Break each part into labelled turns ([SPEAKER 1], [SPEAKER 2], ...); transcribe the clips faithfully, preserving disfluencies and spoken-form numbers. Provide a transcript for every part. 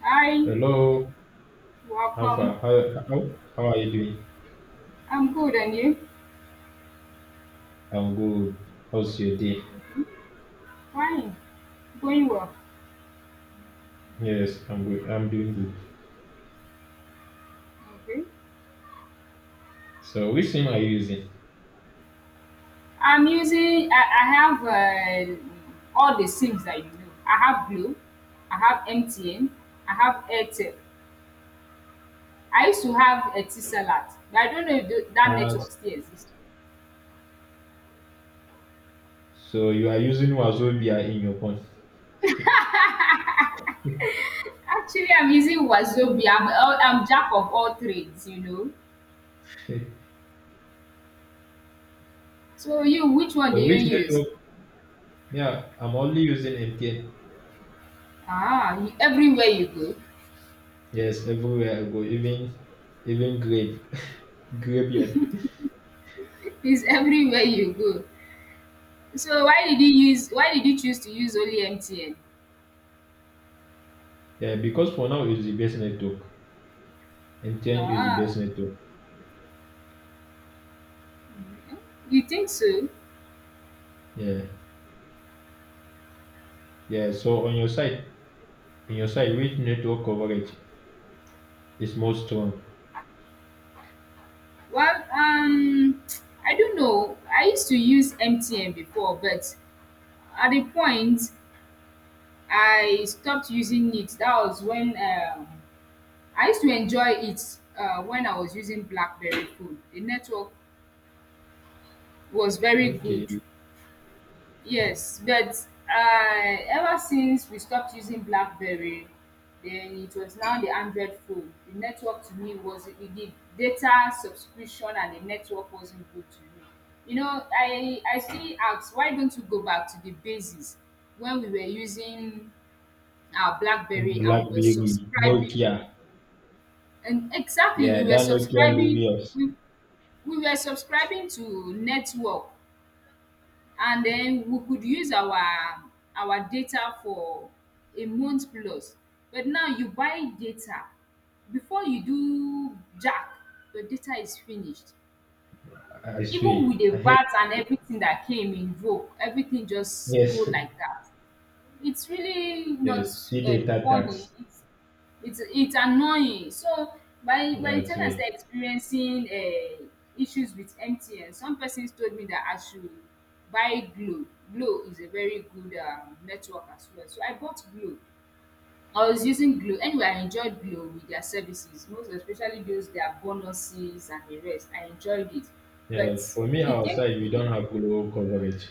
[SPEAKER 1] Hi,
[SPEAKER 2] Hello, how far?
[SPEAKER 1] welcome.
[SPEAKER 2] How, how, how are you doing?
[SPEAKER 1] I'm good, and you?
[SPEAKER 2] I'm good. How's your day?
[SPEAKER 1] Okay. Fine, going well.
[SPEAKER 2] Yes, I'm good. I'm doing good.
[SPEAKER 1] Okay.
[SPEAKER 2] So, which sim are you using?
[SPEAKER 1] I'm using. I, I have uh, all the sims that you know. I have Blue, I have M T N, I have Airtel. I used to have Etisalat, but I don't know if tho- that
[SPEAKER 2] Uh,
[SPEAKER 1] network still exists.
[SPEAKER 2] so you are using Wazobia in your phone.
[SPEAKER 1] Actually, I'm using Wazobi. I'm all, I'm jack of all trades, you know.
[SPEAKER 2] so
[SPEAKER 1] So you, which one do you
[SPEAKER 2] which
[SPEAKER 1] use?
[SPEAKER 2] network? Yeah, I'm only using M T N.
[SPEAKER 1] Ah, you, everywhere you go.
[SPEAKER 2] Yes, everywhere I go, even even grave, graveyard.
[SPEAKER 1] It's everywhere you go. So why did you use why did you choose to use only M T N?
[SPEAKER 2] Yeah, because for now it's the best network. M T N is the
[SPEAKER 1] Ah,
[SPEAKER 2] best network.
[SPEAKER 1] you think so?
[SPEAKER 2] Yeah, yeah. So on your side, in your side, which network coverage is more strong?
[SPEAKER 1] Well, um, I don't know. I used to use M T N before, but at the point I stopped using it. That was when um, I used to enjoy it uh, when I was using BlackBerry phone. The network was very good.
[SPEAKER 2] Okay.
[SPEAKER 1] Yes, but I ever since we stopped using BlackBerry, then it was now the Android phone. The network to me was the the data subscription and the network wasn't good to me. You know, I I still ask why don't you go back to the basis when we were using our BlackBerry and we were
[SPEAKER 2] BlackBerry,
[SPEAKER 1] subscribing.
[SPEAKER 2] Nokia.
[SPEAKER 1] And exactly,
[SPEAKER 2] Yeah,
[SPEAKER 1] we were
[SPEAKER 2] that Nokia
[SPEAKER 1] subscribing.
[SPEAKER 2] Lumios.
[SPEAKER 1] We we were subscribing to network, and then we could use our our data for a month plus. But now you buy data, before you do jack your data is finished,
[SPEAKER 2] I I
[SPEAKER 1] even
[SPEAKER 2] swear.
[SPEAKER 1] with the
[SPEAKER 2] I hate
[SPEAKER 1] VAT and
[SPEAKER 2] it.
[SPEAKER 1] everything that came in vogue, everything just go
[SPEAKER 2] Yes,
[SPEAKER 1] like that. It's really
[SPEAKER 2] yes.
[SPEAKER 1] not
[SPEAKER 2] See
[SPEAKER 1] uh,
[SPEAKER 2] data
[SPEAKER 1] funny.
[SPEAKER 2] tax.
[SPEAKER 1] It's, it's it's annoying. So by by the
[SPEAKER 2] I
[SPEAKER 1] time I
[SPEAKER 2] swear.
[SPEAKER 1] started experiencing uh, issues with M T N, some persons told me that I should buy Glo. Glo is a very good um, network as well. So I bought Glo. I was using Glo. Anyway, I enjoyed Glo with their services, most especially those their bonuses and the rest. I enjoyed it,
[SPEAKER 2] Yeah,
[SPEAKER 1] but
[SPEAKER 2] for me
[SPEAKER 1] it came.
[SPEAKER 2] outside we don't have global coverage.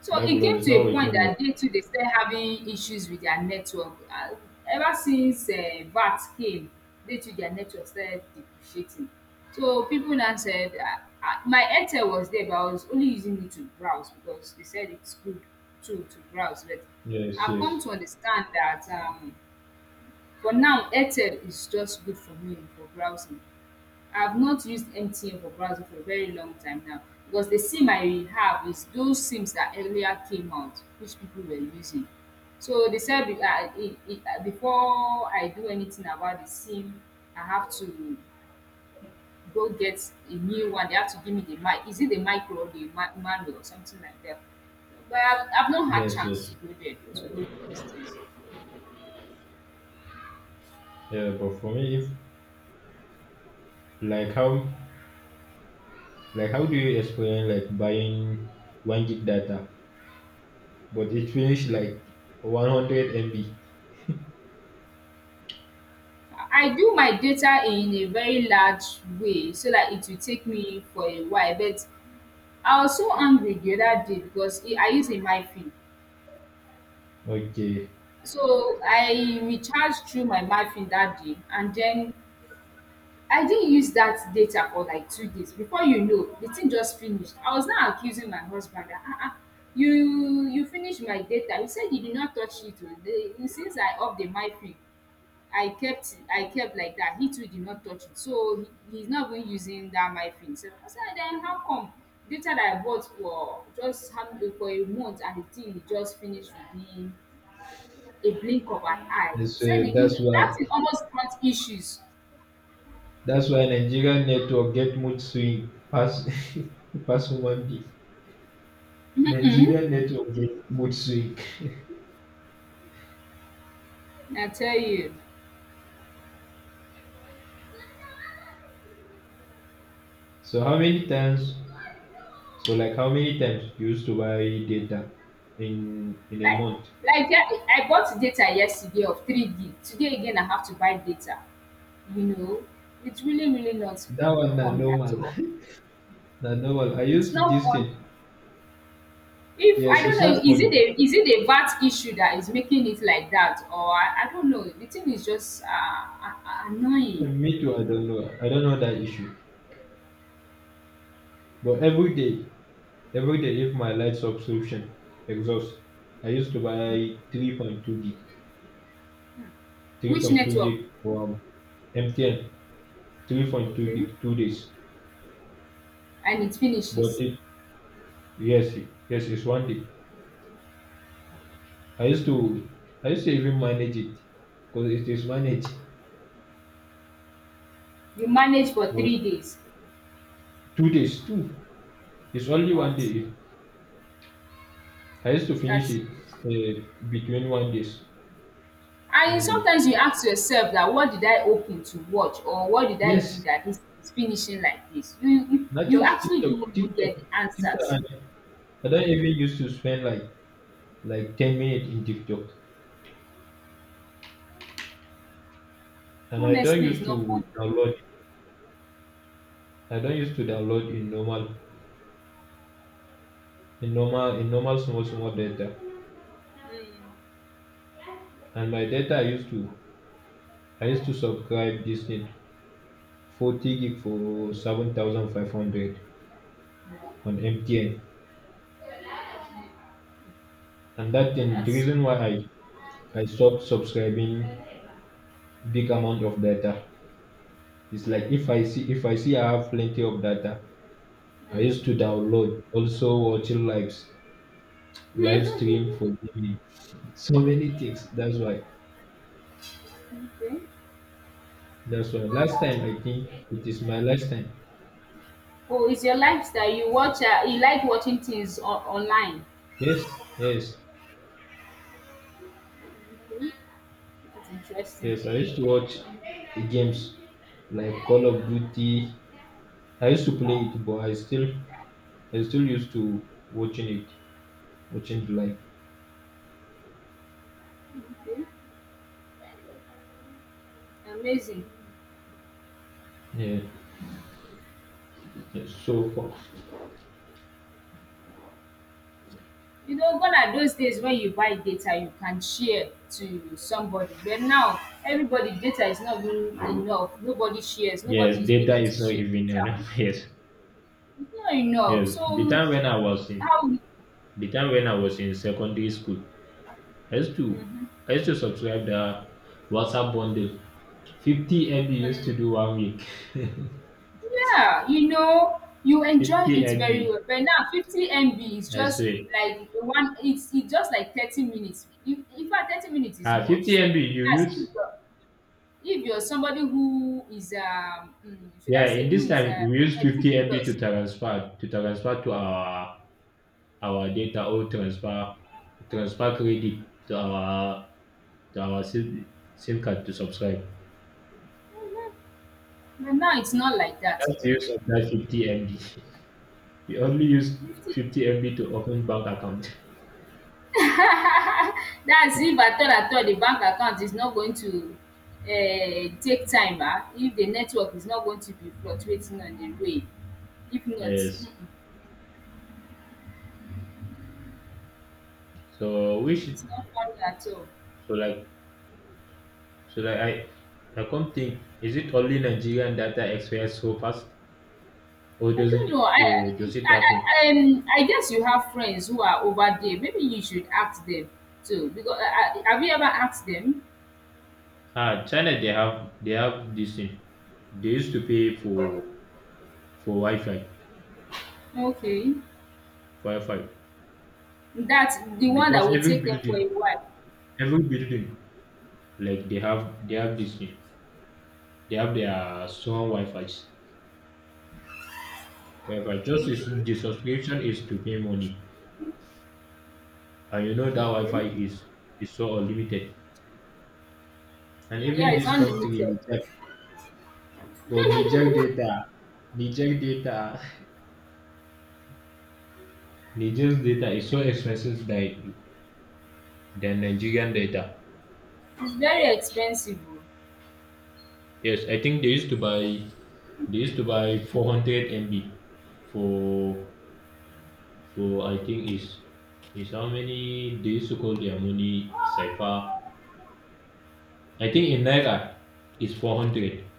[SPEAKER 1] So
[SPEAKER 2] That
[SPEAKER 1] it
[SPEAKER 2] global
[SPEAKER 1] came
[SPEAKER 2] is
[SPEAKER 1] to
[SPEAKER 2] not
[SPEAKER 1] a point
[SPEAKER 2] working well.
[SPEAKER 1] that they too they started having issues with their network. Uh, ever since uh, V A T came, they too their network started depreciating. So people now said, uh, uh, my Airtel was there, but I was only using it to browse because they said it's good too to browse. But
[SPEAKER 2] Yes,
[SPEAKER 1] I've
[SPEAKER 2] yes.
[SPEAKER 1] come to understand that um, for now, Airtel is just good for me for browsing. I've not used M T N for browser for a very long time now, because the SIM I have is those SIMs that earlier came out, which people were using. So they said be- I, it, it, uh, before I do anything about the SIM, I have to go get a new one. They have to give me the mic. Is it the micro or the ma- manual or something like that? But I've, I've not had
[SPEAKER 2] Yes,
[SPEAKER 1] chance
[SPEAKER 2] yes.
[SPEAKER 1] to go there to go do these things.
[SPEAKER 2] Yeah, but for me, if like how like how do you explain like buying one gig data but it finish like one hundred M B?
[SPEAKER 1] I do my data in a very large way so that it will take me for a while. But I was so angry the other day because I use a mifi.
[SPEAKER 2] Okay.
[SPEAKER 1] So I recharged through my mifi that day, and then I didn't use that data for like two days. Before you know, the thing just finished. I was now accusing my husband that ah ah you you finished my data. You said you did not touch it. Oh. The- Since I off the mifi, I kept I kept like that. He too did not touch it. So he, he's not even using that my thing. So I said, then how come data that I bought for just having for a month and the thing it just finished within a blink of an eye? He
[SPEAKER 2] That's
[SPEAKER 1] said
[SPEAKER 2] uh,
[SPEAKER 1] he
[SPEAKER 2] that's
[SPEAKER 1] didn't,
[SPEAKER 2] why
[SPEAKER 1] that thing almost brought issues.
[SPEAKER 2] That's why Nigerian network get mood swing pass pass human being.
[SPEAKER 1] Mm-mm,
[SPEAKER 2] Nigerian network get mood swing.
[SPEAKER 1] I tell you.
[SPEAKER 2] So how many times? So like how many times you used to buy data in in a
[SPEAKER 1] Like
[SPEAKER 2] month?
[SPEAKER 1] like yeah, I I bought data yesterday of three gig. Today again I have to buy data. You know, it's really, really not
[SPEAKER 2] That one na
[SPEAKER 1] fun at
[SPEAKER 2] normal.
[SPEAKER 1] all.
[SPEAKER 2] Na normal. I
[SPEAKER 1] It's
[SPEAKER 2] use
[SPEAKER 1] not
[SPEAKER 2] this
[SPEAKER 1] fun.
[SPEAKER 2] thing.
[SPEAKER 1] If I
[SPEAKER 2] Yes,
[SPEAKER 1] don't
[SPEAKER 2] it's not
[SPEAKER 1] know, is it
[SPEAKER 2] funny.
[SPEAKER 1] a is it a V A T issue that is making it like that, or I, I don't know. The thing is just uh, a- a- annoying.
[SPEAKER 2] And me too. I don't know. I don't know that issue. But every day, every day, if my light subscription exhausts, I used to buy three point two gig.
[SPEAKER 1] Which
[SPEAKER 2] three point two
[SPEAKER 1] network?
[SPEAKER 2] gig from M T N, three point two
[SPEAKER 1] Okay,
[SPEAKER 2] gig, two days.
[SPEAKER 1] and it
[SPEAKER 2] But
[SPEAKER 1] finishes.
[SPEAKER 2] it, yes, yes, it's one day. I used to, I used to even manage it because it managed. Is managed.
[SPEAKER 1] You manage for
[SPEAKER 2] 'Cause
[SPEAKER 1] three days.
[SPEAKER 2] two days, two. It's only one
[SPEAKER 1] What?
[SPEAKER 2] day. I used to finish
[SPEAKER 1] That's
[SPEAKER 2] it
[SPEAKER 1] serious.
[SPEAKER 2] uh, between one days,
[SPEAKER 1] And
[SPEAKER 2] one day.
[SPEAKER 1] sometimes you ask yourself that what did I open to watch or what did I do
[SPEAKER 2] Yes,
[SPEAKER 1] that this is finishing like this? You you,
[SPEAKER 2] not
[SPEAKER 1] you
[SPEAKER 2] just
[SPEAKER 1] actually
[SPEAKER 2] TikTok,
[SPEAKER 1] don't even
[SPEAKER 2] TikTok,
[SPEAKER 1] get the
[SPEAKER 2] TikTok.
[SPEAKER 1] answers.
[SPEAKER 2] And I don't even used to spend like like ten minutes in TikTok, and I don't
[SPEAKER 1] Honestly, it's
[SPEAKER 2] used
[SPEAKER 1] not
[SPEAKER 2] to
[SPEAKER 1] fun.
[SPEAKER 2] download. I don't used to download in normal in normal in normal small small data.
[SPEAKER 1] Mm.
[SPEAKER 2] And my data I used to I used to subscribe this thing forty gig for seven thousand five hundred
[SPEAKER 1] Yeah,
[SPEAKER 2] on M T N. And that thing the
[SPEAKER 1] that's.
[SPEAKER 2] reason why I I stopped subscribing big amount of data. It's like if I see if I see I have plenty of data, I
[SPEAKER 1] Mm.
[SPEAKER 2] used to download also watching lives live stream for gaming. So many things. That's why.
[SPEAKER 1] Okay.
[SPEAKER 2] That's why. Last time I think it is my last time.
[SPEAKER 1] Oh, it's your lifestyle. You watch, uh, you like watching things on, online.
[SPEAKER 2] Yes, yes,
[SPEAKER 1] Okay, that's interesting.
[SPEAKER 2] yes. I used to watch games like Call of Duty. I used to play it, but I still, I still used to watching it, watching it live.
[SPEAKER 1] Okay, amazing.
[SPEAKER 2] Yeah, yes. So far,
[SPEAKER 1] You know, gone are those days when you buy data, you can share to somebody. But now, everybody data is not even enough. Nobody shares. Nobody
[SPEAKER 2] yes,
[SPEAKER 1] is
[SPEAKER 2] data
[SPEAKER 1] willing
[SPEAKER 2] is
[SPEAKER 1] to
[SPEAKER 2] not
[SPEAKER 1] share
[SPEAKER 2] even
[SPEAKER 1] data with
[SPEAKER 2] enough.
[SPEAKER 1] you.
[SPEAKER 2] Yes,
[SPEAKER 1] It's not enough.
[SPEAKER 2] yes. The
[SPEAKER 1] So,
[SPEAKER 2] time when I was in,
[SPEAKER 1] how?
[SPEAKER 2] the time when I was in secondary school, I used to, I used to subscribe the WhatsApp bundle. fifty M B used to do one week. 50
[SPEAKER 1] Yeah, you know, you enjoy it very
[SPEAKER 2] MB,
[SPEAKER 1] well. But now fifty M B is
[SPEAKER 2] I
[SPEAKER 1] just
[SPEAKER 2] swear.
[SPEAKER 1] like one, it's it's just like thirty minutes. If in fact thirty minutes is
[SPEAKER 2] Uh,
[SPEAKER 1] much
[SPEAKER 2] 50
[SPEAKER 1] sef.
[SPEAKER 2] MB you
[SPEAKER 1] That's if
[SPEAKER 2] use?
[SPEAKER 1] you're if you're somebody who is um mm, should
[SPEAKER 2] Yeah,
[SPEAKER 1] I say,
[SPEAKER 2] in
[SPEAKER 1] who
[SPEAKER 2] this
[SPEAKER 1] is
[SPEAKER 2] time
[SPEAKER 1] uh,
[SPEAKER 2] we use fifty M B
[SPEAKER 1] meticulous.
[SPEAKER 2] to transfer to transfer to our our data or transfer transfer credit to our to our SIM, SIM card to subscribe.
[SPEAKER 1] Mhm. But now it's not like that
[SPEAKER 2] That's the
[SPEAKER 1] again.
[SPEAKER 2] use of that fifty M B. We only use
[SPEAKER 1] fifty.
[SPEAKER 2] fifty M B to open bank account.
[SPEAKER 1] That's if at all, at all the bank account is not going to um take time. Ah, if the network is not going to be fluctuating on the way. If not,
[SPEAKER 2] Yes.
[SPEAKER 1] hmm.
[SPEAKER 2] So we should
[SPEAKER 1] It's not funny at all.
[SPEAKER 2] so like So like I, I come think, is it only Nigerian that are expire so fast, or
[SPEAKER 1] I
[SPEAKER 2] doesn't
[SPEAKER 1] don't know. I
[SPEAKER 2] uh, does it happen?
[SPEAKER 1] I I, um, I guess you have friends who are over there. Maybe you should ask them too. Because I, I, have you ever asked them?
[SPEAKER 2] Ah, China they have they have this thing. They used to pay for for Wi-Fi,
[SPEAKER 1] Okay.
[SPEAKER 2] for Wi-Fi
[SPEAKER 1] That's the one that
[SPEAKER 2] because
[SPEAKER 1] will
[SPEAKER 2] every
[SPEAKER 1] take them for
[SPEAKER 2] building,
[SPEAKER 1] a while.
[SPEAKER 2] every building, like they have they have this thing. They have their strong Wi-Fi's. Wi-Fi just is
[SPEAKER 1] Okay.
[SPEAKER 2] the subscription is to pay money, and you know that Wi-Fi
[SPEAKER 1] Okay.
[SPEAKER 2] is is so unlimited. And
[SPEAKER 1] Mm, yeah,
[SPEAKER 2] even
[SPEAKER 1] it's
[SPEAKER 2] this
[SPEAKER 1] unlimited.
[SPEAKER 2] country. But Niger data, Niger data, Niger's data is so expensive than than Nigerian data.
[SPEAKER 1] It's very expensive. Oh.
[SPEAKER 2] Yes, I think they used to buy they used to buy four hundred M B for for I think is is how many they used to call their money cipher. I think in naira is four hundred.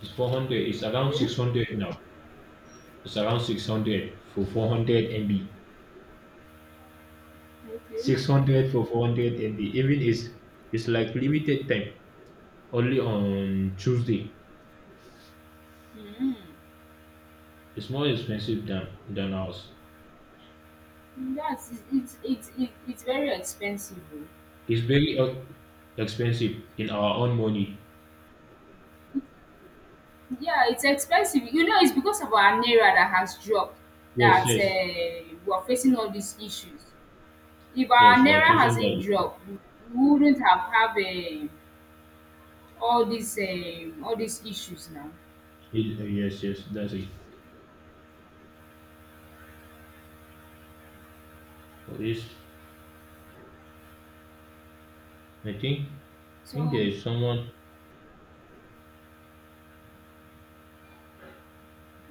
[SPEAKER 2] It's four hundred. It's around
[SPEAKER 1] Okay.
[SPEAKER 2] six hundred now. It's around six hundred for four hundred M B.
[SPEAKER 1] Okay.
[SPEAKER 2] six hundred for four hundred M B. Even is it's like limited time, only on Tuesday.
[SPEAKER 1] Mm.
[SPEAKER 2] It's more expensive than than ours.
[SPEAKER 1] That's it's it's it, it's very expensive. Oh.
[SPEAKER 2] It's very uh, expensive in our own money.
[SPEAKER 1] Yeah, it's expensive. You know, it's because of our naira that has dropped,
[SPEAKER 2] Yes,
[SPEAKER 1] that
[SPEAKER 2] yes,
[SPEAKER 1] um we are facing all these issues. If our
[SPEAKER 2] yes. We are
[SPEAKER 1] naira
[SPEAKER 2] facing
[SPEAKER 1] hasn't
[SPEAKER 2] that issue.
[SPEAKER 1] dropped, we wouldn't have have um all these um all these issues now.
[SPEAKER 2] It- uh, yes, yes. That's it. For this, I think I think there
[SPEAKER 1] So
[SPEAKER 2] is someone.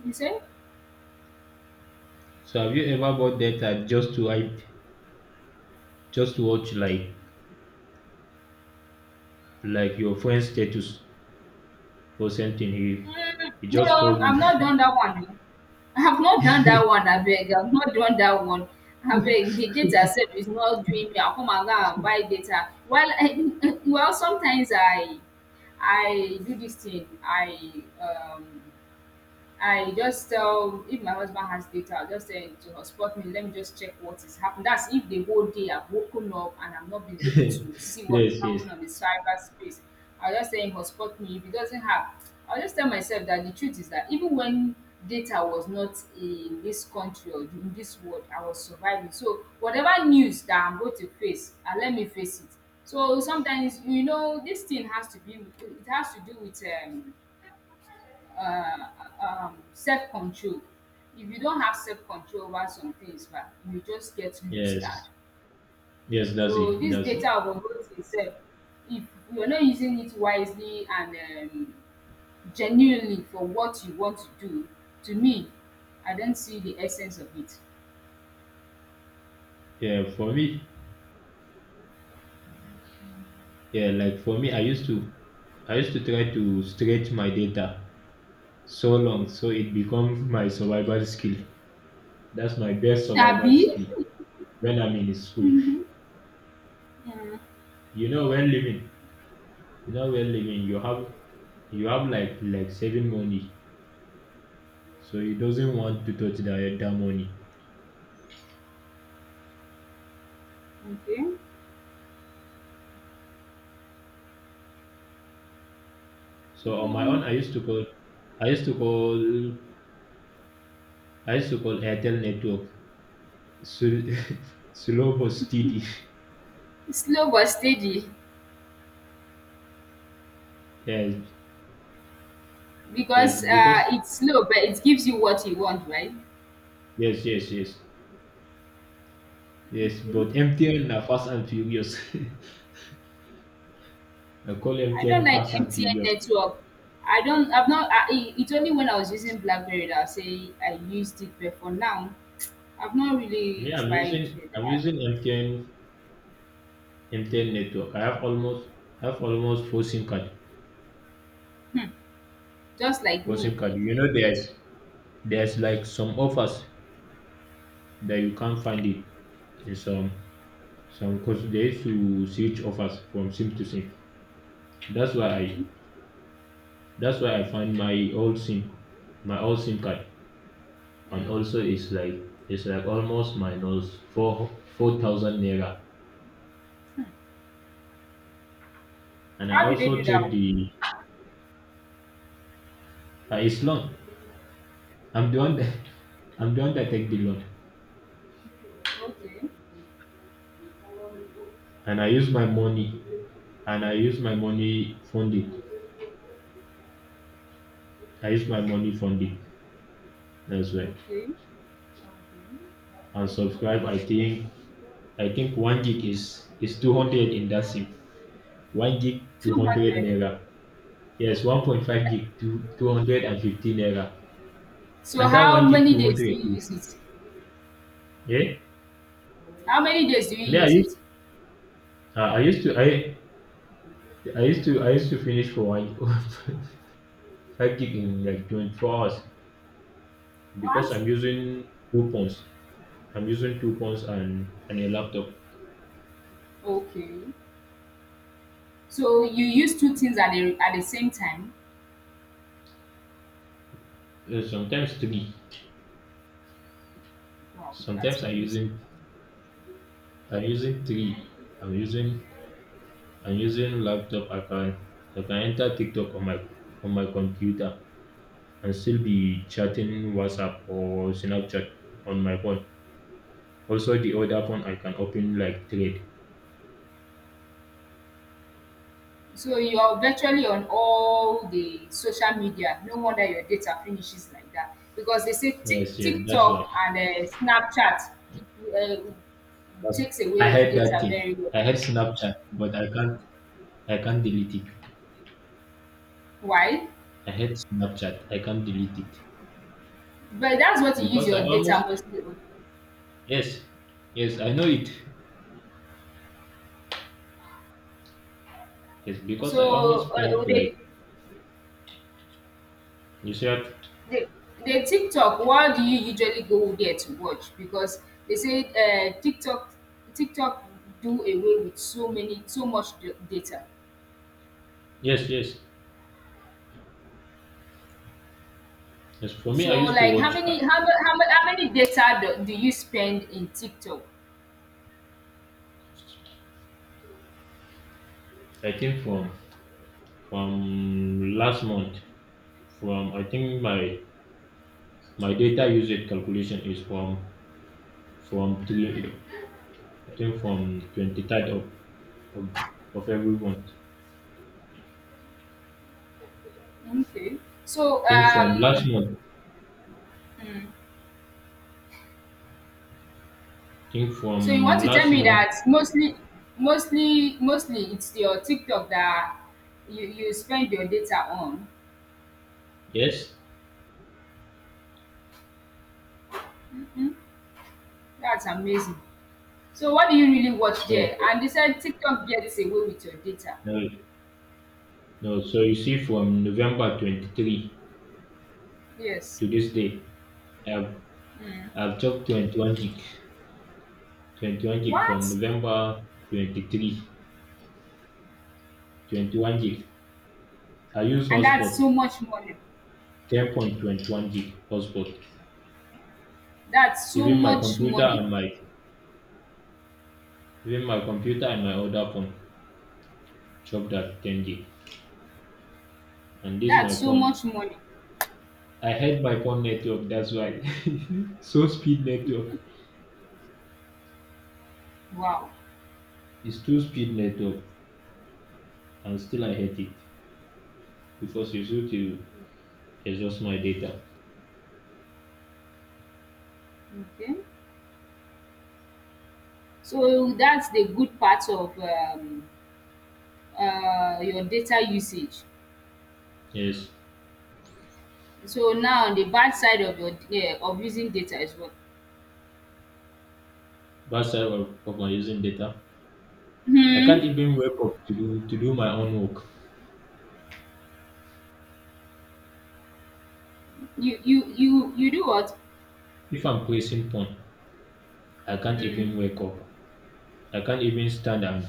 [SPEAKER 1] you say?
[SPEAKER 2] So have you ever bought data just to I just to watch like like your friend's status or something? He
[SPEAKER 1] Mm,
[SPEAKER 2] he just
[SPEAKER 1] no,
[SPEAKER 2] called
[SPEAKER 1] I've not
[SPEAKER 2] you.
[SPEAKER 1] done that one. Oh. I've not done that one, I beg, I've not done that one. I beg. The data set is not doing me. I'll come and go and buy data. Well, well, sometimes I I do this thing. I um I just tell, if my husband has data, I'll just tell him to hotspot me. Let me just check what is happening. That's if the whole day I've woken up and I've not been able to see what
[SPEAKER 2] Yes,
[SPEAKER 1] is
[SPEAKER 2] yes,
[SPEAKER 1] happening on the cyberspace. I'll just tell him hotspot me. If he doesn't have, I'll just tell myself that the truth is that even when data was not in this country or in this world, I was surviving. So whatever news that I'm going to face, and let me face it. So sometimes you know this thing has to be, it has to do with um uh, um, self control. If you don't have self control over some things, bah, you just get loose guard.
[SPEAKER 2] yes, yes. That's
[SPEAKER 1] So
[SPEAKER 2] it.
[SPEAKER 1] this
[SPEAKER 2] That's it.
[SPEAKER 1] data overload itself, if you're not using it wisely and um, genuinely for what you want to do, to me, I don't see the essence of it.
[SPEAKER 2] Yeah, for me, Yeah, like for me, I used to, I used to try to stretch my data so long so it becomes my survival skill. That's my best survival
[SPEAKER 1] Abi,
[SPEAKER 2] skill when I'm in school.
[SPEAKER 1] mm,
[SPEAKER 2] You know, when living, you know, when living, you have, you have like like saving money, so you doesn't want to touch that that money.
[SPEAKER 1] okay,
[SPEAKER 2] So on my own,
[SPEAKER 1] so
[SPEAKER 2] I used to call, I used to call, I used to call Airtel network. So, Slow but steady.
[SPEAKER 1] slow but steady,
[SPEAKER 2] Yes, yes,
[SPEAKER 1] because uh,
[SPEAKER 2] because
[SPEAKER 1] it's slow, but it gives you what you want, right?
[SPEAKER 2] yes, yes, yes. Yes,
[SPEAKER 1] Okay.
[SPEAKER 2] but M T N are fast and furious. I call
[SPEAKER 1] I don't
[SPEAKER 2] M T N
[SPEAKER 1] like
[SPEAKER 2] fast and
[SPEAKER 1] M T N
[SPEAKER 2] furious.
[SPEAKER 1] network. I don't. I've not. I, it- it's only when I was using BlackBerry that I say I used it, but for now, I've not
[SPEAKER 2] Me,
[SPEAKER 1] really
[SPEAKER 2] I'm
[SPEAKER 1] tried
[SPEAKER 2] using I'm
[SPEAKER 1] that.
[SPEAKER 2] using M T N M T N network. I have almost I have almost four SIM card.
[SPEAKER 1] Hmm. Just like
[SPEAKER 2] Four
[SPEAKER 1] me.
[SPEAKER 2] SIM card. You know there's there's like some offers that you can't find it in some some because they used to switch offers from SIM to SIM. That's why
[SPEAKER 1] Okay.
[SPEAKER 2] I that's why I find my old SIM my old SIM card. And
[SPEAKER 1] Mm.
[SPEAKER 2] also it's like it's like almost minus four four thousand naira. And I
[SPEAKER 1] How do they
[SPEAKER 2] also
[SPEAKER 1] do that
[SPEAKER 2] check
[SPEAKER 1] one?
[SPEAKER 2] the uh, it's loan. I'm the one that I'm the one that take the loan,
[SPEAKER 1] Okay.
[SPEAKER 2] and I use my money, and I use my money fund it. I use my money fund it. That's why.
[SPEAKER 1] Okay. Okay.
[SPEAKER 2] And subscribe. I think I think one gig is is two hundred in that sim. One gig two
[SPEAKER 1] Two
[SPEAKER 2] hundred
[SPEAKER 1] hundred.
[SPEAKER 2] naira. Yes, one point five gig two two hundred and fifty naira.
[SPEAKER 1] So
[SPEAKER 2] And that
[SPEAKER 1] how
[SPEAKER 2] one gig
[SPEAKER 1] many
[SPEAKER 2] two
[SPEAKER 1] days
[SPEAKER 2] hundred
[SPEAKER 1] do you
[SPEAKER 2] is,
[SPEAKER 1] use it?
[SPEAKER 2] yeah.
[SPEAKER 1] How many days do you
[SPEAKER 2] Me I
[SPEAKER 1] use
[SPEAKER 2] used
[SPEAKER 1] it?
[SPEAKER 2] uh, I used to I I used to I used to finish for one five gig in like twenty-four hours because
[SPEAKER 1] What?
[SPEAKER 2] I'm using two phones. I'm using two phones and, and a laptop.
[SPEAKER 1] Okay. So you use two things at the at the same time?
[SPEAKER 2] Uh, Sometimes three.
[SPEAKER 1] Wow, that's
[SPEAKER 2] Sometimes I'm
[SPEAKER 1] amazing.
[SPEAKER 2] using I'm using three. I'm using I'm using laptop. I can I can enter TikTok on my on my computer and still be chatting WhatsApp or Snapchat on my phone. Also the other phone I can open like trade.
[SPEAKER 1] So you're virtually on all the social media. No wonder your data finishes like that. Because they say
[SPEAKER 2] Yes,
[SPEAKER 1] Tik
[SPEAKER 2] yes, that's why.
[SPEAKER 1] TikTok and uh, Snapchat uh,
[SPEAKER 2] That's,
[SPEAKER 1] takes
[SPEAKER 2] I
[SPEAKER 1] away your
[SPEAKER 2] had that
[SPEAKER 1] data
[SPEAKER 2] thing.
[SPEAKER 1] very well.
[SPEAKER 2] I had Snapchat, but I can't I can't delete it.
[SPEAKER 1] Why?
[SPEAKER 2] I hate Snapchat. I can't delete it
[SPEAKER 1] But that's what you use
[SPEAKER 2] because I
[SPEAKER 1] your data
[SPEAKER 2] almost,
[SPEAKER 1] mostly on.
[SPEAKER 2] yes, yes, I know it. Yes, because I almost
[SPEAKER 1] So uh,
[SPEAKER 2] spent
[SPEAKER 1] the,
[SPEAKER 2] like you said.
[SPEAKER 1] the, the TikTok, what do you usually go there to watch? Because they say uh, TikTok TikTok do away with so many, so much d- data.
[SPEAKER 2] Yes, yes, yes. For me, I
[SPEAKER 1] So
[SPEAKER 2] used to
[SPEAKER 1] like how
[SPEAKER 2] watch.
[SPEAKER 1] many
[SPEAKER 2] uh,
[SPEAKER 1] how mu- how, mu- how many data do, do you spend in TikTok?
[SPEAKER 2] I think from from last month. From I think my my data usage calculation is from from three. I think from twenty third of, of of every month.
[SPEAKER 1] Okay.
[SPEAKER 2] I
[SPEAKER 1] So
[SPEAKER 2] think from last
[SPEAKER 1] um
[SPEAKER 2] month.
[SPEAKER 1] mm,
[SPEAKER 2] I think
[SPEAKER 1] so you
[SPEAKER 2] from
[SPEAKER 1] want to tell
[SPEAKER 2] last
[SPEAKER 1] me
[SPEAKER 2] month.
[SPEAKER 1] that mostly mostly mostly it's your TikTok that you, you spend your data on.
[SPEAKER 2] Yes.
[SPEAKER 1] Mhm. That's amazing. So what do you really watch there?
[SPEAKER 2] So,
[SPEAKER 1] And they said TikTok gets away with your data.
[SPEAKER 2] uh, No, So you see, from November twenty three
[SPEAKER 1] Yes.
[SPEAKER 2] to this day, I've
[SPEAKER 1] Mm.
[SPEAKER 2] I've took twenty-one gig, twenty-one gig, from
[SPEAKER 1] What?
[SPEAKER 2] November twenty three, twenty one gig. I use
[SPEAKER 1] And that's
[SPEAKER 2] hotspot,
[SPEAKER 1] so much money.
[SPEAKER 2] ten point two one gig hotspot.
[SPEAKER 1] That's so
[SPEAKER 2] Even my
[SPEAKER 1] much
[SPEAKER 2] computer
[SPEAKER 1] money.
[SPEAKER 2] and my Even my computer and my other phone chop that ten gig. And this
[SPEAKER 1] That's
[SPEAKER 2] my
[SPEAKER 1] so
[SPEAKER 2] phone.
[SPEAKER 1] much money.
[SPEAKER 2] I hate my phone network. That's why. So speed network.
[SPEAKER 1] Wow.
[SPEAKER 2] It's two speed network, and still I hate it because it's used to exhaust my data.
[SPEAKER 1] Okay. So that's the good part of um, uh, your data usage.
[SPEAKER 2] Yes,
[SPEAKER 1] So now the bad side of your, yeah, of using data as well.
[SPEAKER 2] that's side of, of my using data. I can't
[SPEAKER 1] Hmm.
[SPEAKER 2] even wake up to do to do my own work.
[SPEAKER 1] You you you you do what?
[SPEAKER 2] If I'm placing phone, I can't even
[SPEAKER 1] Hmm.
[SPEAKER 2] wake up. I can't even stand and,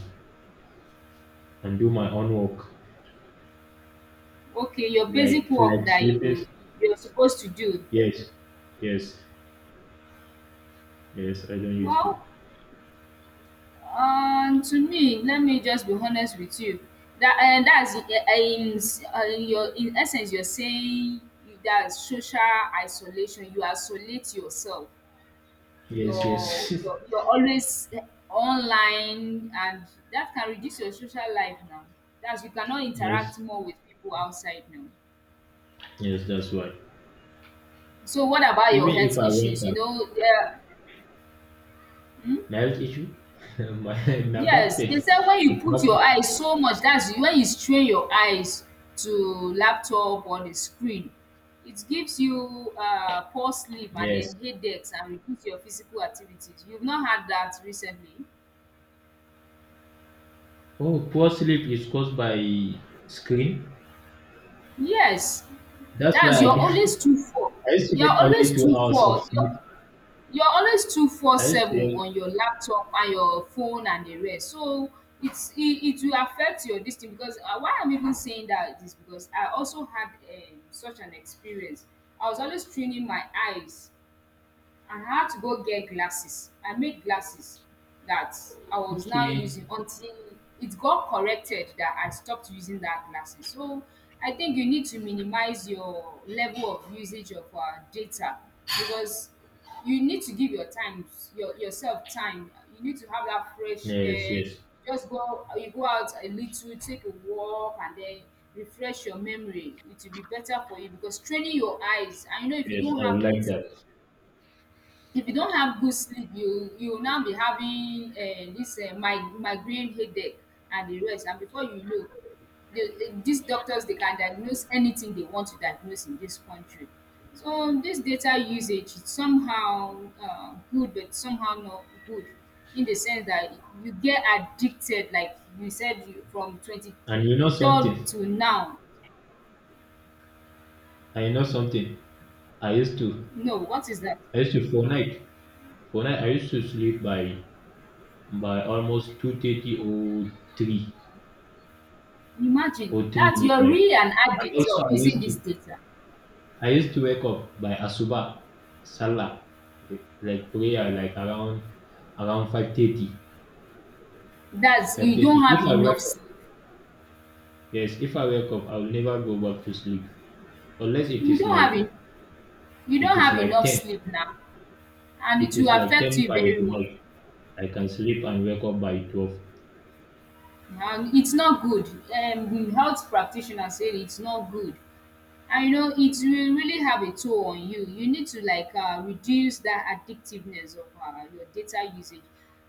[SPEAKER 2] and do my own work.
[SPEAKER 1] Okay, your basic
[SPEAKER 2] Like
[SPEAKER 1] work
[SPEAKER 2] like
[SPEAKER 1] that
[SPEAKER 2] sleeping.
[SPEAKER 1] you you're supposed to do.
[SPEAKER 2] Yes, yes, yes. I don't used to.
[SPEAKER 1] Well, um, to me, let me just be honest with you. That, and that's in, in, uh, in your, in essence, you're saying that social isolation. You isolate yourself.
[SPEAKER 2] Yes,
[SPEAKER 1] you're
[SPEAKER 2] yes,
[SPEAKER 1] you're you're always online, and that can reduce your social life now. That's, you cannot interact
[SPEAKER 2] yes,
[SPEAKER 1] more with people outside now.
[SPEAKER 2] yes. That's why.
[SPEAKER 1] So what about your
[SPEAKER 2] Even if
[SPEAKER 1] health
[SPEAKER 2] I went
[SPEAKER 1] issues? You
[SPEAKER 2] out,
[SPEAKER 1] know? Yeah. Hmm?
[SPEAKER 2] my health issue, my my back
[SPEAKER 1] Yes, they
[SPEAKER 2] pain,
[SPEAKER 1] said when you
[SPEAKER 2] it's
[SPEAKER 1] put
[SPEAKER 2] back
[SPEAKER 1] your
[SPEAKER 2] pain.
[SPEAKER 1] eyes so much, that's when you strain your eyes to laptop or the screen. It gives you uh, poor sleep and
[SPEAKER 2] Yes.
[SPEAKER 1] then headaches and reduce your physical activities. You've not had that recently.
[SPEAKER 2] Oh, poor sleep is caused by screen.
[SPEAKER 1] Yes.
[SPEAKER 2] That's why
[SPEAKER 1] That's, you're
[SPEAKER 2] I
[SPEAKER 1] always two four
[SPEAKER 2] I used to
[SPEAKER 1] you're
[SPEAKER 2] get
[SPEAKER 1] always
[SPEAKER 2] only two
[SPEAKER 1] two
[SPEAKER 2] hours of
[SPEAKER 1] four
[SPEAKER 2] sleep.
[SPEAKER 1] you're you're always two four
[SPEAKER 2] I used to
[SPEAKER 1] seven
[SPEAKER 2] get,
[SPEAKER 1] on your laptop and your phone and the rest, so it's it, it will affect your distance, because uh, why I'm even saying that is because I also had um, such an experience. I was always straining my eyes, and I had to go get glasses. I made glasses that I was now
[SPEAKER 2] okay.
[SPEAKER 1] using until it got corrected that I stopped using that glasses. So I think you need to minimize your level of usage of uh, data, because you need to give your time, your yourself time. You need to have that fresh
[SPEAKER 2] Yes,
[SPEAKER 1] air.
[SPEAKER 2] yes,
[SPEAKER 1] Just go, you go out a little, take a walk, and then refresh your memory. It will be better for you, because training your eyes. I know if you
[SPEAKER 2] yes.
[SPEAKER 1] don't
[SPEAKER 2] I would
[SPEAKER 1] have good
[SPEAKER 2] like that.
[SPEAKER 1] sleep, if you don't have good sleep, you you will now be having um dis um mig migraine headache and the rest, and before you know, the dis doctors, they can diagnose anything they want to diagnose in this country. So this data usage is somehow um good but somehow not good, in the sense that you get addicted like you said, you from
[SPEAKER 2] And you know
[SPEAKER 1] twenty-third
[SPEAKER 2] something?
[SPEAKER 1] to now.
[SPEAKER 2] I know something. I used to,
[SPEAKER 1] No, what is that?
[SPEAKER 2] I used to for night, For night. I used to sleep by by almost two thirty or three
[SPEAKER 1] Imagine
[SPEAKER 2] or three
[SPEAKER 1] that you're
[SPEAKER 2] midnight.
[SPEAKER 1] really an
[SPEAKER 2] And
[SPEAKER 1] addict
[SPEAKER 2] also,
[SPEAKER 1] of
[SPEAKER 2] I
[SPEAKER 1] using
[SPEAKER 2] used
[SPEAKER 1] this
[SPEAKER 2] to,
[SPEAKER 1] data.
[SPEAKER 2] I used to wake up by asuba, salah, eh, like prayer, like around around five thirty,
[SPEAKER 1] That's,
[SPEAKER 2] five
[SPEAKER 1] you don't
[SPEAKER 2] thirty. If
[SPEAKER 1] have
[SPEAKER 2] I wake
[SPEAKER 1] enough sleep.
[SPEAKER 2] Yes, if I wake up, I'll never go back to sleep unless it
[SPEAKER 1] You
[SPEAKER 2] is
[SPEAKER 1] don't have
[SPEAKER 2] like
[SPEAKER 1] en- you
[SPEAKER 2] it
[SPEAKER 1] don't
[SPEAKER 2] is
[SPEAKER 1] have
[SPEAKER 2] like
[SPEAKER 1] enough
[SPEAKER 2] ten.
[SPEAKER 1] sleep now, and it
[SPEAKER 2] It
[SPEAKER 1] will
[SPEAKER 2] is like
[SPEAKER 1] affect
[SPEAKER 2] ten
[SPEAKER 1] you
[SPEAKER 2] by the
[SPEAKER 1] very well.
[SPEAKER 2] night. I can sleep and wake up by twelve.
[SPEAKER 1] And it's not good. Um, the health practitioner said it's not good. And you know it will really have a toll on you. You need to, like, uh, reduce that addictiveness of uh, your data usage.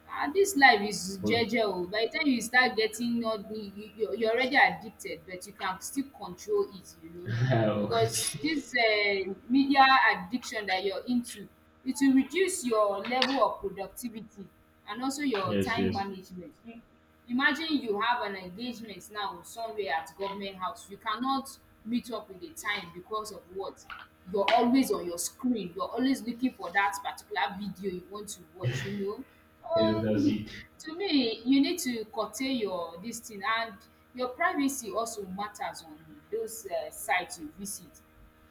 [SPEAKER 1] uh, This life is
[SPEAKER 2] Also-
[SPEAKER 1] jeje. By the time you start getting all the you, you- you're already addicted, but you can still control it, you know, because
[SPEAKER 2] yes,
[SPEAKER 1] this uh, media addiction that you're into, it will reduce your level of productivity, and also your
[SPEAKER 2] yes,
[SPEAKER 1] time
[SPEAKER 2] yes.
[SPEAKER 1] management. Imagine you have an engagement now somewhere at government house. You cannot meet up with the time because of what? You're always on your screen. You're always looking for that particular video you want to watch, you know.
[SPEAKER 2] That's
[SPEAKER 1] Um,
[SPEAKER 2] it.
[SPEAKER 1] to me, you need to curtail your this thing, and your privacy also matters on those uh, sites you visit.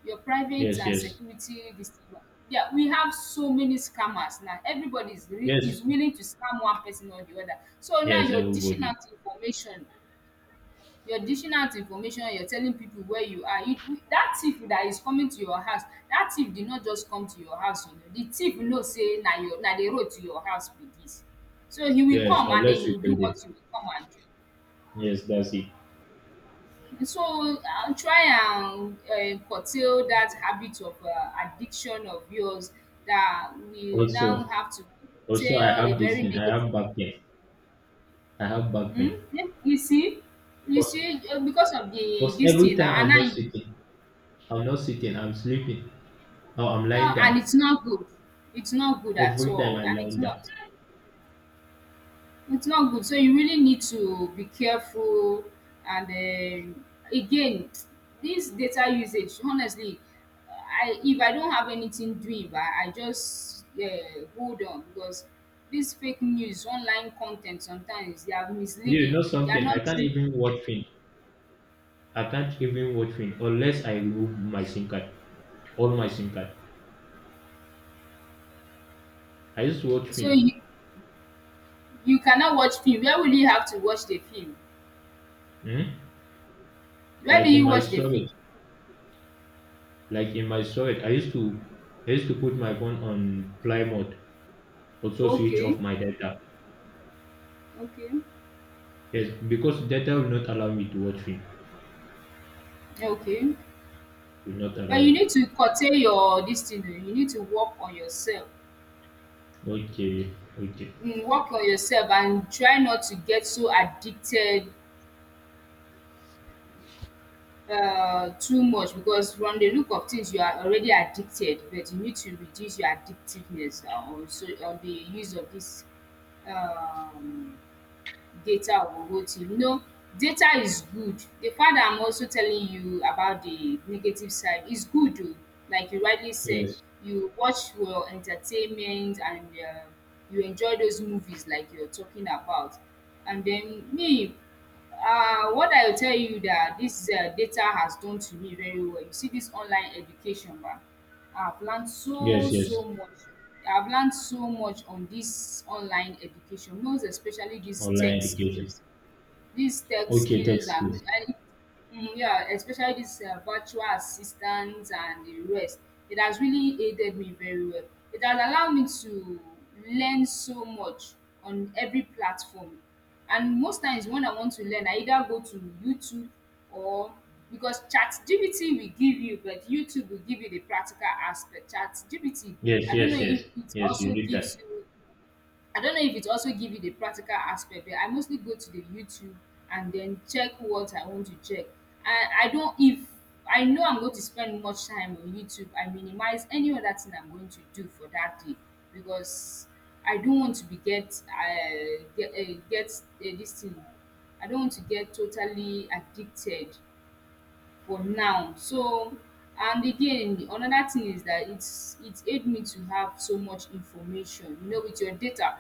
[SPEAKER 1] Your private
[SPEAKER 2] Yes,
[SPEAKER 1] and
[SPEAKER 2] yes,
[SPEAKER 1] security this thing, ba. Yeah, we have so many scammers now. Everybody is re-
[SPEAKER 2] yes,
[SPEAKER 1] is willing to scam one person or the other, so now
[SPEAKER 2] yes.
[SPEAKER 1] you're dishing
[SPEAKER 2] Everybody.
[SPEAKER 1] out information, you're dishing out information you're telling people where you are, you, you- that thief that is coming to your house, that thief did not just come to your house. You know the thief know say na your na the road to your house be this, so he will
[SPEAKER 2] Yes,
[SPEAKER 1] come, and then
[SPEAKER 2] unless
[SPEAKER 1] he
[SPEAKER 2] you
[SPEAKER 1] will
[SPEAKER 2] tell
[SPEAKER 1] do
[SPEAKER 2] them.
[SPEAKER 1] what he will come and do.
[SPEAKER 2] Yes, that's it.
[SPEAKER 1] So, I try and um curtail that habit of um addiction of yours, that we now
[SPEAKER 2] Also,
[SPEAKER 1] have to
[SPEAKER 2] Also, I
[SPEAKER 1] tell a
[SPEAKER 2] have this
[SPEAKER 1] very
[SPEAKER 2] thing. I
[SPEAKER 1] negative.
[SPEAKER 2] have back pain. I have back
[SPEAKER 1] Hmm.
[SPEAKER 2] pain.
[SPEAKER 1] you you see, you
[SPEAKER 2] Cause,
[SPEAKER 1] see um because of the
[SPEAKER 2] Cause
[SPEAKER 1] this
[SPEAKER 2] every
[SPEAKER 1] thing
[SPEAKER 2] time
[SPEAKER 1] na, and
[SPEAKER 2] I'm
[SPEAKER 1] I,
[SPEAKER 2] not
[SPEAKER 1] you
[SPEAKER 2] sitting, I'm not sitting. I'm sleeping. Or I'm
[SPEAKER 1] um
[SPEAKER 2] lying
[SPEAKER 1] and
[SPEAKER 2] down.
[SPEAKER 1] it's not good. It's not good at
[SPEAKER 2] Every time
[SPEAKER 1] all,
[SPEAKER 2] I'm
[SPEAKER 1] and it's
[SPEAKER 2] lying down.
[SPEAKER 1] not It's not good. So you really need to be careful. And um again, this data usage, honestly, I if I don't have anything doing, I, I just uh, hold on, because this fake news, online content, sometimes they are
[SPEAKER 2] You
[SPEAKER 1] misleading.
[SPEAKER 2] know
[SPEAKER 1] They are
[SPEAKER 2] something? I
[SPEAKER 1] not
[SPEAKER 2] can't
[SPEAKER 1] true.
[SPEAKER 2] even watch film. I can't even watch film unless I remove my SIM card, all my SIM card. I used to watch
[SPEAKER 1] So
[SPEAKER 2] film,
[SPEAKER 1] you you cannot watch film. Where will you have to watch the film?
[SPEAKER 2] hmm?
[SPEAKER 1] Where do
[SPEAKER 2] Like in
[SPEAKER 1] you
[SPEAKER 2] my
[SPEAKER 1] watch the film?
[SPEAKER 2] storage, like in my storage. I used to, I used to put my phone on fly mode, also switch
[SPEAKER 1] Okay,
[SPEAKER 2] off my data.
[SPEAKER 1] okay,
[SPEAKER 2] Yes, because data will not allow me to watch film.
[SPEAKER 1] okay.
[SPEAKER 2] Will not
[SPEAKER 1] But
[SPEAKER 2] allow
[SPEAKER 1] you
[SPEAKER 2] me.
[SPEAKER 1] need to curtail your this thing. Oh. You need to work on yourself.
[SPEAKER 2] Okay, okay.
[SPEAKER 1] um work on yourself and try not to get so addicted um too much, because from the look of things you are already addicted, but you need to reduce your addictiveness um on so on the use of this um data on O T. You know, data is good. The fact that I'm also telling you about the negative side is good, though. Like you rightly said,
[SPEAKER 2] Yes,
[SPEAKER 1] you watch your entertainment and uh, you enjoy those movies like you're talking about. And then me, um what I will tell you that this um data has done to me very well. You see this online education ba, I've learned
[SPEAKER 2] yes,
[SPEAKER 1] so so
[SPEAKER 2] yes.
[SPEAKER 1] much. I've learned so much on this online education, most especially this
[SPEAKER 2] Online
[SPEAKER 1] tech
[SPEAKER 2] education.
[SPEAKER 1] skills, these tech
[SPEAKER 2] Okay, tech
[SPEAKER 1] skills and,
[SPEAKER 2] skills.
[SPEAKER 1] and it- mm, yeah, especially these uh, virtual assistants and the rest. It has really aided me very well. It has allowed me to learn so much on every platform. And most times when I want to learn, I either go to YouTube, or because ChatGPT will give you, but YouTube will give you the practical aspect. ChatGPT,
[SPEAKER 2] Yes,
[SPEAKER 1] I don't
[SPEAKER 2] yes,
[SPEAKER 1] know
[SPEAKER 2] yes,
[SPEAKER 1] if it
[SPEAKER 2] yes. You
[SPEAKER 1] also
[SPEAKER 2] need
[SPEAKER 1] gives
[SPEAKER 2] that.
[SPEAKER 1] you I don't know if it also give you the practical aspect, but I mostly go to the YouTube and then check what I want to check. I, I don't if I know I'm going to spend much time on YouTube, I minimize any other thing I'm going to do for that day, because I don't want to be get uh, get uh, get uh, this thing. I don't want to get totally addicted for now. So and again, another thing is that it's it aid me to have so much information. You know, with your data,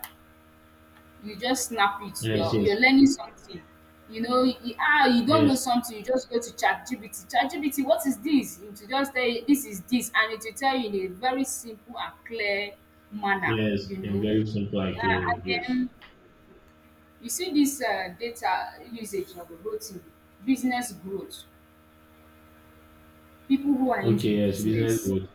[SPEAKER 1] you just snap it.
[SPEAKER 2] Yes,
[SPEAKER 1] You're you're
[SPEAKER 2] yes,
[SPEAKER 1] learning something. You know, you, ah, you don't know
[SPEAKER 2] yes.
[SPEAKER 1] something. You just go to ChatGPT. ChatGPT, what is this? It will just tell you this is this, and it will tell you in a very simple and clear manner.
[SPEAKER 2] Yes,
[SPEAKER 1] You
[SPEAKER 2] I
[SPEAKER 1] know,
[SPEAKER 2] very simple and
[SPEAKER 1] yeah,
[SPEAKER 2] clear.
[SPEAKER 1] and
[SPEAKER 2] Yes.
[SPEAKER 1] then you see this uh, data usage of a whole business growth. People who are into
[SPEAKER 2] Okay, yes, business
[SPEAKER 1] business.
[SPEAKER 2] growth.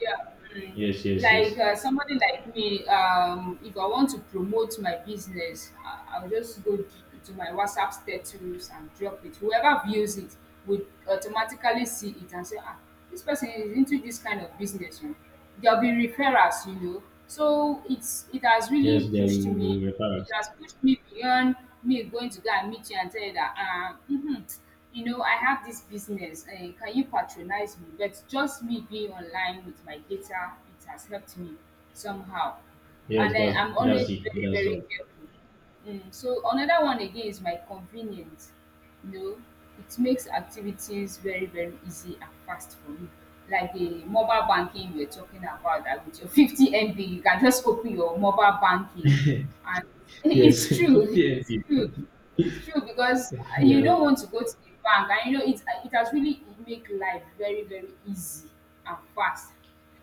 [SPEAKER 1] Yeah. Mm.
[SPEAKER 2] Yes, yes,
[SPEAKER 1] Like
[SPEAKER 2] yes.
[SPEAKER 1] uh, somebody like me, um, if I want to promote my business, I- I'll just go d- to my WhatsApp status and drop it. Whoever views it would automatically see it and say, ah, this person is into this kind of business, you know? There'll be referrals, you know. So it's it has
[SPEAKER 2] Yes,
[SPEAKER 1] really
[SPEAKER 2] there will
[SPEAKER 1] pushed me,
[SPEAKER 2] be referrals.
[SPEAKER 1] it has pushed me beyond me going to go and meet you and tell you that, um, mhm, you know, I have this business. Uh, can you patronize me? But just me being online with my data, it has helped me somehow.
[SPEAKER 2] Yes,
[SPEAKER 1] And then
[SPEAKER 2] that's
[SPEAKER 1] I'm
[SPEAKER 2] that's
[SPEAKER 1] always
[SPEAKER 2] it.
[SPEAKER 1] very,
[SPEAKER 2] That's
[SPEAKER 1] very
[SPEAKER 2] all.
[SPEAKER 1] careful. Mm, so another one again is my convenience. You know, it makes activities very, very easy and fast for me. Like the mobile banking we're talking about, that with your fifty M B, you can just open your mobile banking. And
[SPEAKER 2] Yes,
[SPEAKER 1] it's true,
[SPEAKER 2] 50
[SPEAKER 1] it's true.
[SPEAKER 2] MB.
[SPEAKER 1] It's true, because
[SPEAKER 2] We
[SPEAKER 1] you don't want
[SPEAKER 2] are
[SPEAKER 1] to go to the bank, and you know it. It has really make life very very easy and fast.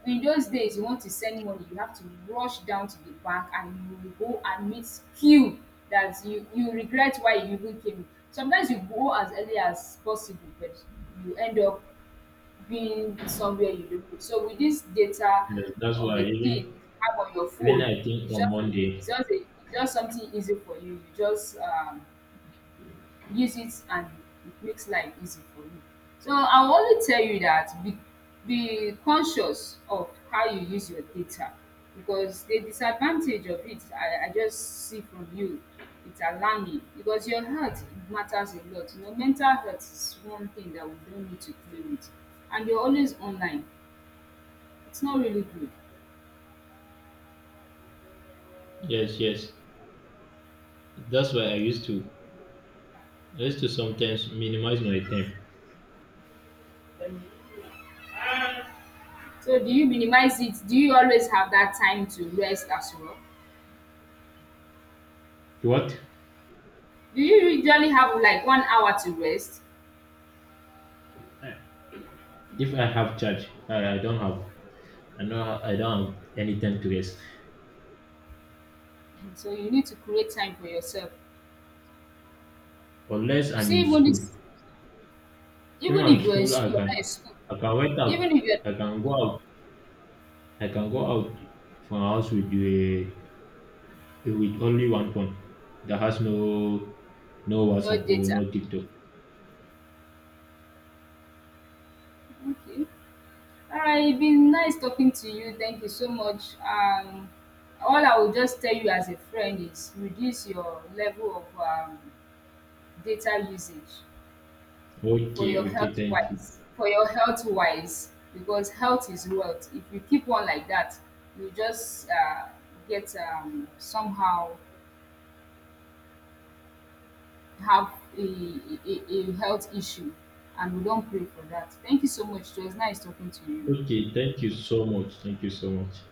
[SPEAKER 1] In those days, you want to send money, you have to rush down to the bank, and you will go and meet queue, that you you regret why you even came. Sometimes you go as early as possible, but you end up being somewhere you don't know. So with this data
[SPEAKER 2] Yes, that's
[SPEAKER 1] of
[SPEAKER 2] why
[SPEAKER 1] a
[SPEAKER 2] even
[SPEAKER 1] thing you have on your
[SPEAKER 2] even
[SPEAKER 1] phone,
[SPEAKER 2] I think
[SPEAKER 1] it's
[SPEAKER 2] on
[SPEAKER 1] just a, it's
[SPEAKER 2] Monday.
[SPEAKER 1] just a, it's just something easy for you. You just um, use it, and it makes life easy for you. So I will only tell you that be, be conscious of how you use your data, because the disadvantage of it, I, I just see from you, it's alarming, because your health matters a lot. You know, mental health is one thing that we don't need to play with, and you're always online. It's not really good.
[SPEAKER 2] Yes, yes. That's why I used to I used to sometimes minimize my time.
[SPEAKER 1] So do you minimize it? Do you always have that time to rest as well?
[SPEAKER 2] To What?
[SPEAKER 1] Do you usually have like one hour to rest?
[SPEAKER 2] If I have charge, I, I don't have I know I don't have any time to rest
[SPEAKER 1] So you need to create time for yourself.
[SPEAKER 2] unless
[SPEAKER 1] You
[SPEAKER 2] I'm
[SPEAKER 1] see,
[SPEAKER 2] in
[SPEAKER 1] even
[SPEAKER 2] school.
[SPEAKER 1] this,
[SPEAKER 2] Even
[SPEAKER 1] even
[SPEAKER 2] at
[SPEAKER 1] if you're in,
[SPEAKER 2] school
[SPEAKER 1] s-
[SPEAKER 2] I
[SPEAKER 1] you're not in
[SPEAKER 2] can
[SPEAKER 1] school,
[SPEAKER 2] I can went out.
[SPEAKER 1] even if you're
[SPEAKER 2] I can go out. I can go out from a house with a with only one phone that has no no
[SPEAKER 1] no
[SPEAKER 2] WhatsApp or
[SPEAKER 1] data.
[SPEAKER 2] no TikTok.
[SPEAKER 1] Okay. All right. It's been nice talking to you. Thank you so much. Um, all I will just tell you as a friend is reduce your level of um, data usage for
[SPEAKER 2] Okay,
[SPEAKER 1] your
[SPEAKER 2] okay,
[SPEAKER 1] health
[SPEAKER 2] thank you.
[SPEAKER 1] wise. For your health wise, because health is wealth. If you keep on like that, you just uh, get um, somehow have a, a, a health issue, and we don't pray for that. Thank you so much. It was nice talking to you.
[SPEAKER 2] Okay, thank you so much. Thank you so much.